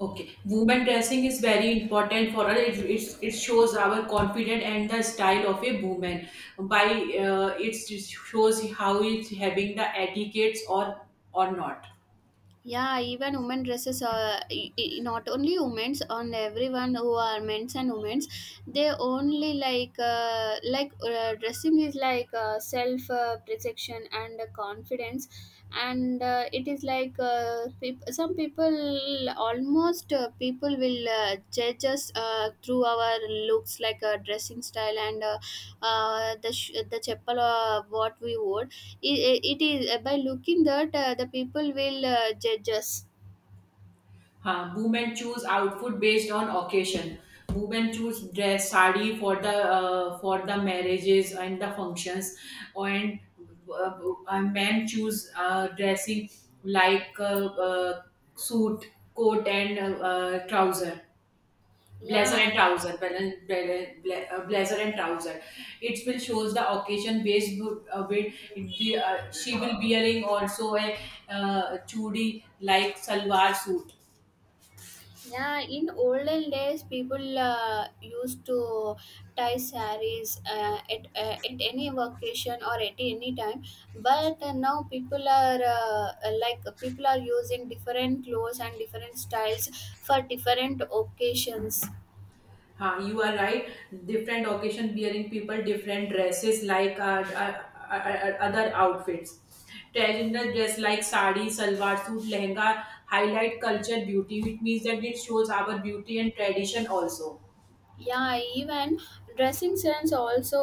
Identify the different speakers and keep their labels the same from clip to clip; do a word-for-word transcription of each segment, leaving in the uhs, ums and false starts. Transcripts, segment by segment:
Speaker 1: Okay, woman dressing is very important for her. It, it, it shows our confidence and the style of a woman. By uh, it shows how it's having the etiquettes or or not.
Speaker 2: Yeah, even women dresses are i- i- not only women's on everyone who are men's and women's. They only like uh, like uh, dressing is like uh, self uh, protection and uh, confidence, and uh, it is like uh, peop- some people almost uh, people will uh, judge us uh, through our looks like uh, dressing style and uh, uh, the sh- the chappal uh, what we wore. It it is by looking that uh, the people will uh, judge us.
Speaker 1: Huh. Women choose outfit based on occasion. Women choose dress sari for the uh, for the marriages and the functions, and uh, uh, men choose uh, dressing like uh, uh, suit, coat, and uh, uh, trouser blazer
Speaker 2: Yeah,
Speaker 1: and trouser bla- bla- bla- uh, blazer and trouser, it will shows the occasion based wo- uh, with the, uh, she will be wearing also a uh, chudi like salwar suit.
Speaker 2: yeah. In olden days, people uh, used to tie saris uh, at uh, at any vacation or at any time. But uh, now people are uh, uh, like people are using different clothes and different styles for different occasions.
Speaker 1: Huh, you are right. Different occasion wearing people different dresses like uh, uh, uh, uh, other outfits. Traditional dress like sari, salwar suit, lehenga highlight culture beauty. It means that it shows our beauty and tradition also.
Speaker 2: Yeah, even dressing sense also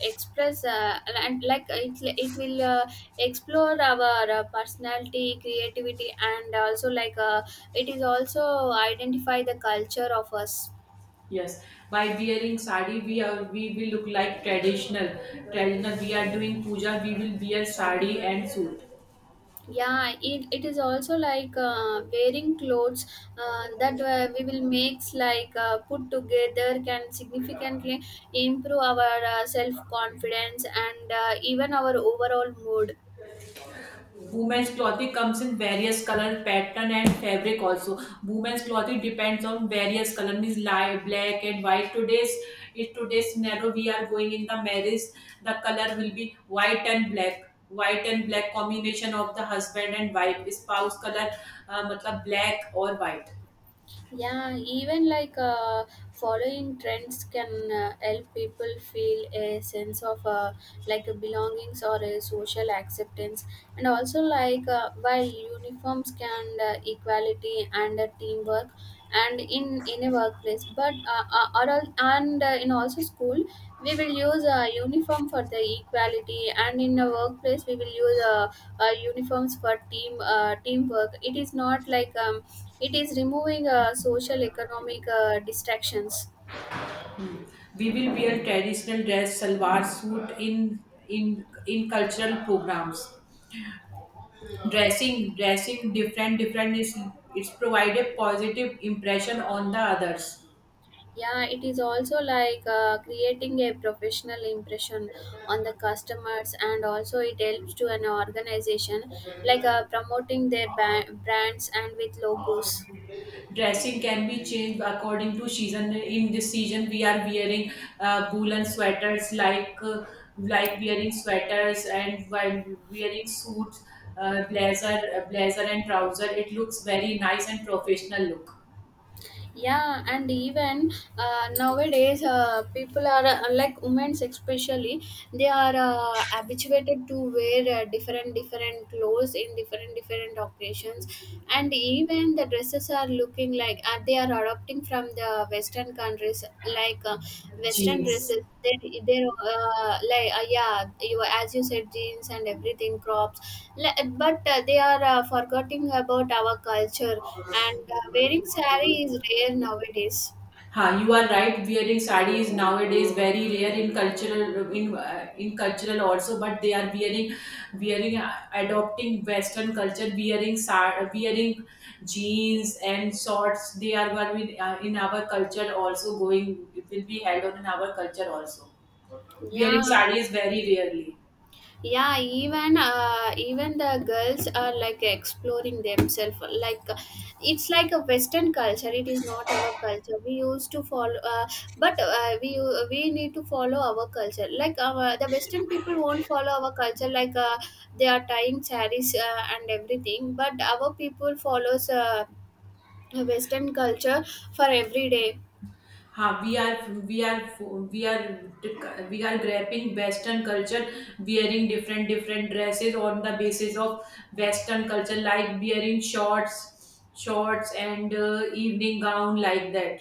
Speaker 2: express uh, and like it, it will uh, explore our uh, personality creativity, and also like uh, it is also identify the culture of us.
Speaker 1: Yes, by wearing sari, we are we will look like traditional. Traditional, we are doing puja. We will wear sari and suit.
Speaker 2: Yeah, it, it is also like uh, wearing clothes uh, that uh, we will makes like uh, put together can significantly improve our uh, self confidence and uh, even our overall mood.
Speaker 1: Women's clothing comes in various color pattern and fabric also. Women's clothing depends on various color means light, black and white. Today's in today's scenario, we are going in the marriage. The color will be white and black. White and black combination of the husband and wife. Spouse color, uh, मतलब black or white.
Speaker 2: Yeah, even like uh, following trends can uh, help people feel a sense of uh, like a belongings or a social acceptance, and also like uh, while uniforms can uh, equality and uh, teamwork, and in in a workplace, but uh, uh, or al- and uh, in also school, we will use a uniform for the equality, and in a workplace we will use uh, uh, uniforms for team uh, teamwork. It is not like um it is removing uh, social economic uh, distractions.
Speaker 1: We will wear traditional dress, salwar suit in in in cultural programs. Dressing dressing different different is it's provide a positive impression on the others.
Speaker 2: Yeah, it is also like uh, creating a professional impression on the customers, and also it helps to an organization like uh, promoting their ba- brands and with logos.
Speaker 1: Dressing can be changed according to season. In this season, we are wearing uh, woolen sweaters like uh, like wearing sweaters and while wearing suits, uh, blazer, blazer and trouser. It looks very nice and professional look.
Speaker 2: Yeah, and even uh, nowadays uh, people are uh, like women especially, they are uh, habituated to wear uh, different different clothes in different different occasions, and even the dresses are looking like uh, they are adopting from the Western countries, like uh, Western
Speaker 1: Jeans.
Speaker 2: dresses. They they uh, like uh, yeah, you as you said, jeans and everything, crop Le, but uh, they are uh, forgetting about our culture, and uh, wearing saree is rare nowadays.
Speaker 1: Ha, you are right. Wearing sari is nowadays very rare in cultural in uh, in cultural also, but they are wearing wearing uh, adopting Western culture, wearing sar wearing jeans and shorts. They are one with, uh, in our culture also going will be held on in our culture also. Wearing
Speaker 2: Yeah,
Speaker 1: sari is very rarely.
Speaker 2: yeah. Even uh, even the girls are like exploring themselves. Like uh, it's like a Western culture. It is not our culture. We used to follow, uh, but uh, we we need to follow our culture. Like our the Western people won't follow our culture. Like uh, they are tying sarees uh, and everything, but our people follows Uh, western culture for every day.
Speaker 1: Ha, we are we are we are we are grabbing Western culture, wearing different different dresses on the basis of Western culture, like wearing shorts, shorts and uh, evening gown like that.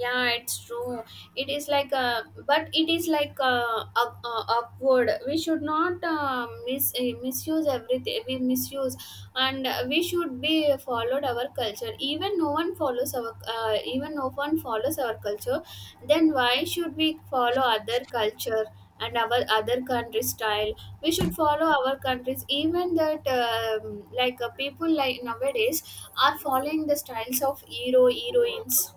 Speaker 2: Yeah, it's true. It is like uh, but it is like uh, up, uh, upward, we should not uh, mis- uh, misuse everything, we misuse. And uh, we should be followed our culture. Even no one follows our uh, even no one follows our culture, then why should we follow other culture and our other country style? We should follow our countries. Even that um, like uh, people like nowadays are following the styles of hero heroines.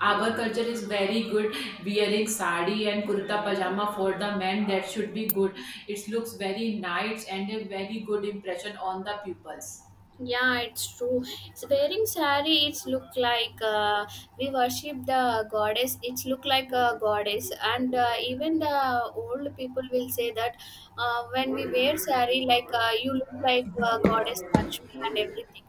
Speaker 1: Our culture is very good. Wearing sari and kurta pajama for the men that should be good. It looks very nice and a very good impression on the pupils.
Speaker 2: Yeah, it's true. It's wearing sari, it's look like uh, we worship the goddess. It's look like a goddess, and uh, even the old people will say that uh, when we wear sari, like uh, you look like uh, goddess Lakshmi and everything.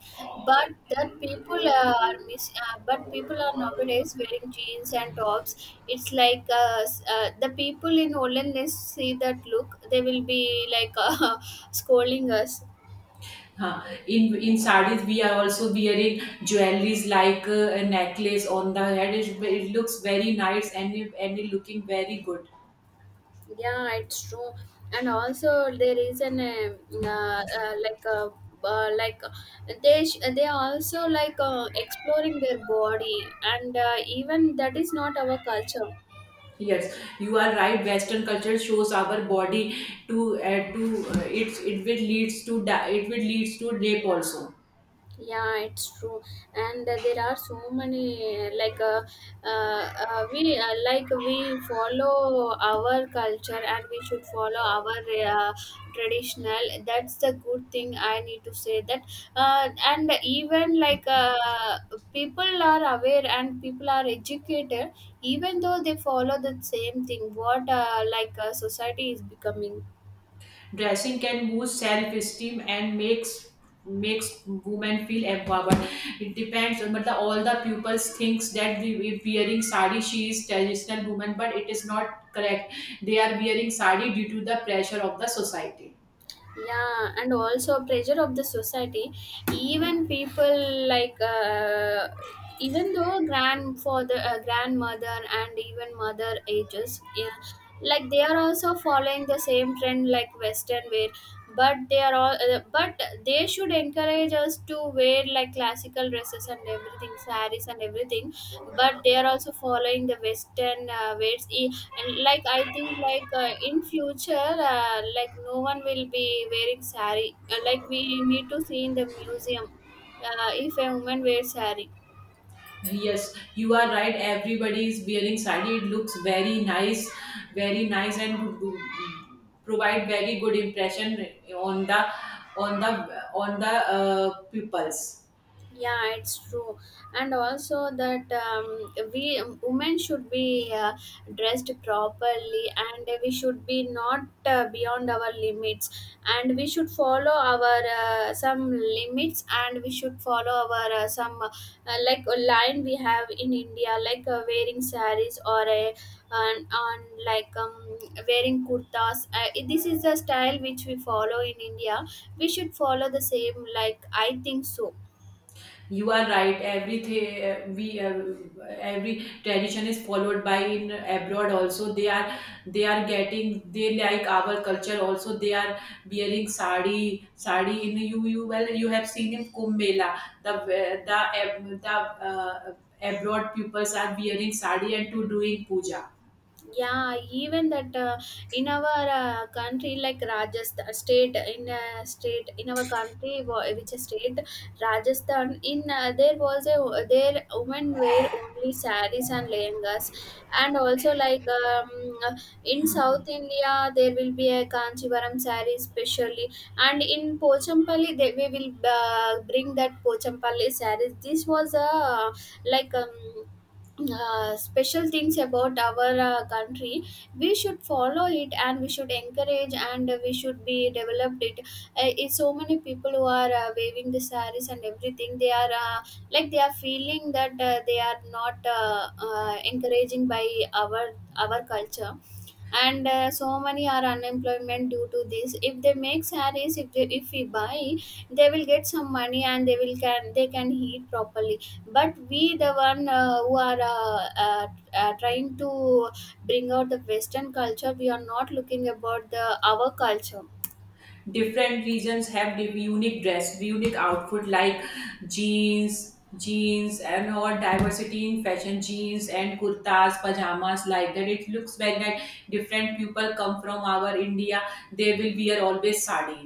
Speaker 2: But that people uh, are miss. Uh, but people are nowadays wearing jeans and tops. It's like uh, s- uh, the people in olden days see that look, they will be like uh, scolding us.
Speaker 1: Huh. In in sarees, we are also wearing jewelries like uh, a necklace on the head. It, it looks very nice and it, and it looking very good.
Speaker 2: Yeah, it's true, and also there is an um, uh, uh, like a uh, like uh, they sh- they also like uh, exploring their body, and uh, even that is not our culture.
Speaker 1: Yes, you are right. Western culture shows our body to uh, to uh, it it will leads to di- it will leads to rape also.
Speaker 2: Yeah, it's true. And uh, there are so many uh, like uh, uh, uh, we uh, like we follow our culture, and we should follow our uh, traditional. That's the good thing I need to say that. Uh, and even like uh, people are aware and people are educated, even though they follow the same thing, what uh, like uh, society is becoming.
Speaker 1: Dressing can boost self-esteem and makes makes women feel empowered. It depends. But the, all the pupils thinks that we, we wearing sari she is traditional woman, but it is not correct. They are wearing sari due to the pressure of the society.
Speaker 2: Yeah, and also pressure of the society, even people like uh, even though grandfather uh, grandmother and even mother ages, yeah, like they are also following the same trend like Western wear. But they are all uh, but they should encourage us to wear like classical dresses and everything, saris and everything, but they are also following the Western uh, wears. And like I think like uh, in future uh, like no one will be wearing sari. Uh, like we need to see in the museum uh, if a woman wears sari.
Speaker 1: Yes, you are right. Everybody is wearing sari. It looks very nice, very nice, and provide very good impression on the on the on the uh, pupils.
Speaker 2: Yeah, it's true. And also that um, we women should be uh, dressed properly, and we should be not uh, beyond our limits, and we should follow our uh, some limits, and we should follow our uh, some uh, like a line. We have in India, like uh, wearing saris, or a on, on like um, wearing kurtas, uh, this is the style which we follow in India. We should follow the same, like I think so.
Speaker 1: You are right, everything we uh, every tradition is followed by in abroad also, they are they are getting, they like our culture also, they are wearing sari sari in you you well, you have seen in Kumbh Mela, the the the uh, abroad pupils are wearing sari and to doing puja.
Speaker 2: Yeah, even that uh, in our uh, country, like Rajasthan state, in uh, state in our country, wa- which is state Rajasthan, in uh, there was a there women wear only saris and lehengas, and also like um, in South India there will be a Kanchivaram saree specially, and in Pochampally they we will uh, bring that Pochampally sarees. This was a uh, like um uh, special things about our uh, country. We should follow it, and we should encourage, and we should be developed it. Uh, it's so many people who are uh, waving the saris and everything. They are uh, like they are feeling that uh, they are not uh, uh, encouraging by our our culture, and uh, so many are unemployment due to this. If they make sarees, if they, if we buy, they will get some money and they will can they can eat properly. But we the one uh, who are uh, uh, uh, trying to bring out the Western culture, we are not looking about the our culture.
Speaker 1: Different regions have div- unique dress unique outfit like jeans jeans and or diversity in fashion, jeans and kurtas pajamas like that, it looks like that. Different people come from our India, they will wear always sari.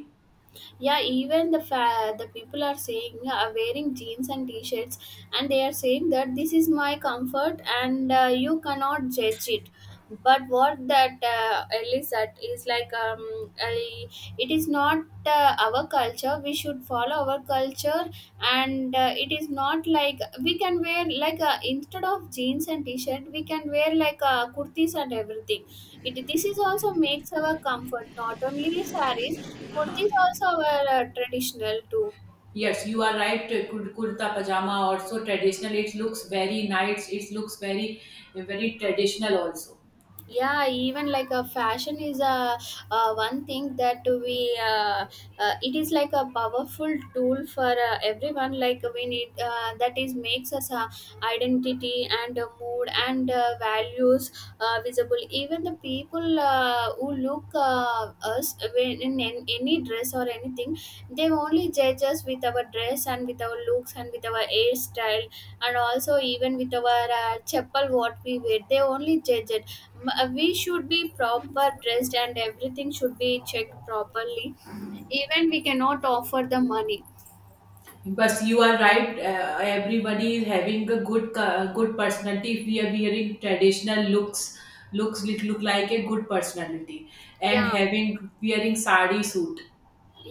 Speaker 2: Yeah, even the fa- the people are saying uh, wearing jeans and t-shirts, and they are saying that this is my comfort and uh, you cannot judge it. But what that uh, is, that is like um, I, it is not uh, our culture. We should follow our culture. And uh, it is not like we can wear like uh, instead of jeans and t-shirt, we can wear like uh, kurtis and everything. It this is also makes our comfort, not only saris. Kurtis also were uh, traditional too.
Speaker 1: Yes, you are right. Kur- kurta pajama also traditional, it looks very nice, it looks very very traditional also.
Speaker 2: Yeah, even like a fashion is a, uh one thing that we uh, uh, it is like a powerful tool for uh, everyone. Like we need uh, that is makes us uh, identity and uh, mood and uh, values uh, visible. Even the people uh, who look uh, us when in an- any dress or anything, they only judge us with our dress and with our looks and with our hairstyle, and also even with our uh, chapel what we wear, they only judge it. M- we should be proper dressed, and everything should be checked properly. Even we cannot offer the money.
Speaker 1: But you are right. Uh, everybody is having a good ca- good personality. If we are wearing traditional looks, looks look, look like a good personality, and
Speaker 2: Yeah.
Speaker 1: having wearing sari suit.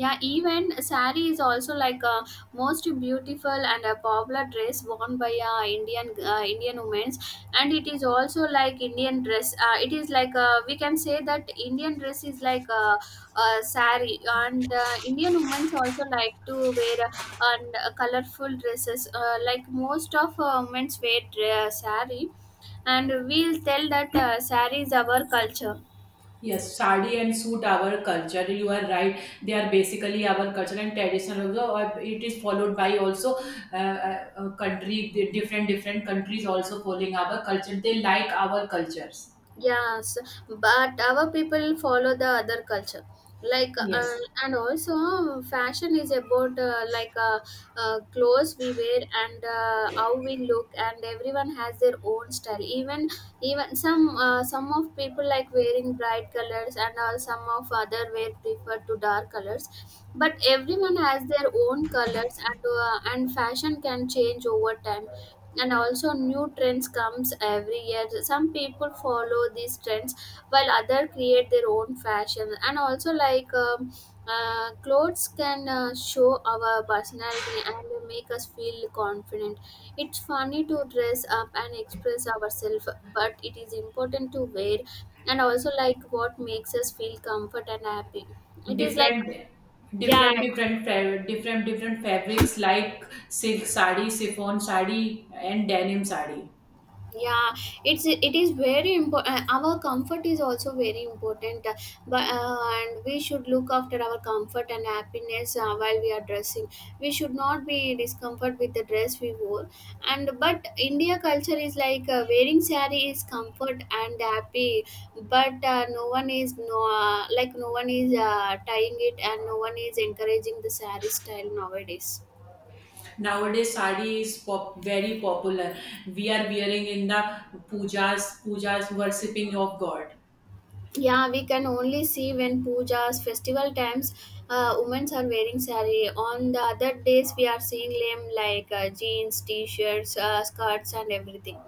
Speaker 2: Yeah, even sari is also like a most beautiful and a popular dress worn by uh, indian uh, indian women, and it is also like Indian dress. Uh, it is like uh, we can say that Indian dress is like a, a sari. And uh, Indian women also like to wear uh, and uh, colorful dresses. Uh, like most of uh, women wear uh, sari, and we'll tell that uh, sari is our culture.
Speaker 1: Yes, sari and suit our culture. You are right. They are basically our culture and traditional also. Or it is followed by also uh, uh, country the different different countries also following our culture. They like our cultures.
Speaker 2: Yes, but our people follow the other culture. Like uh,
Speaker 1: Yes.
Speaker 2: and also fashion is about uh, like uh, uh, clothes we wear and uh, how we look, and everyone has their own style. Even even some uh, some of people like wearing bright colors and all, some of other wear prefer to dark colors, but everyone has their own colors. And uh, and fashion can change over time, and also new trends comes every year. Some people follow these trends while other create their own fashion. And also like um, uh, clothes can uh, show our personality and make us feel confident. It's funny to dress up and express ourselves, but it is important to wear and also like what makes us feel comfort and happy. It is like,
Speaker 1: Different
Speaker 2: yeah.
Speaker 1: different different fa- different different fabrics like silk sari, chiffon sari and denim sari.
Speaker 2: Yeah, it's it is very important. Our comfort is also very important, uh, but uh, and we should look after our comfort and happiness uh, while we are dressing. We should not be discomfort with the dress we wore. And but India culture is like uh, wearing saree is comfort and happy. But uh, no one is, no uh, like no one is uh, tying it, and no one is encouraging the saree style nowadays.
Speaker 1: Nowadays sari is pop, very popular, we are wearing in the pujas pujas worshipping of god.
Speaker 2: Yeah, we can only see when pujas, festival times, uh, women are wearing sari. On the other days, we are seeing them like uh, jeans, t-shirts, uh, skirts, and everything.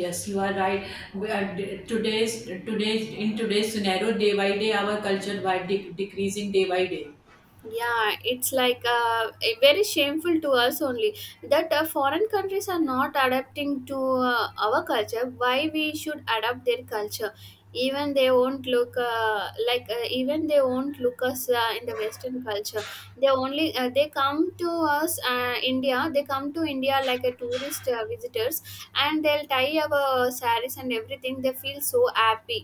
Speaker 1: Yes, you are right. We are today's today's in today's scenario, day by day our culture by de- decreasing day by day.
Speaker 2: Yeah, it's like uh, eh, very shameful to us only. That uh, foreign countries are not adapting to uh, our culture, why we should adapt their culture? Even they won't look uh, like uh, even they won't look us uh, in the Western culture. They only uh, they come to us uh, India, they come to India like a tourist uh, visitors, and they'll tie our saris and everything, they feel so happy.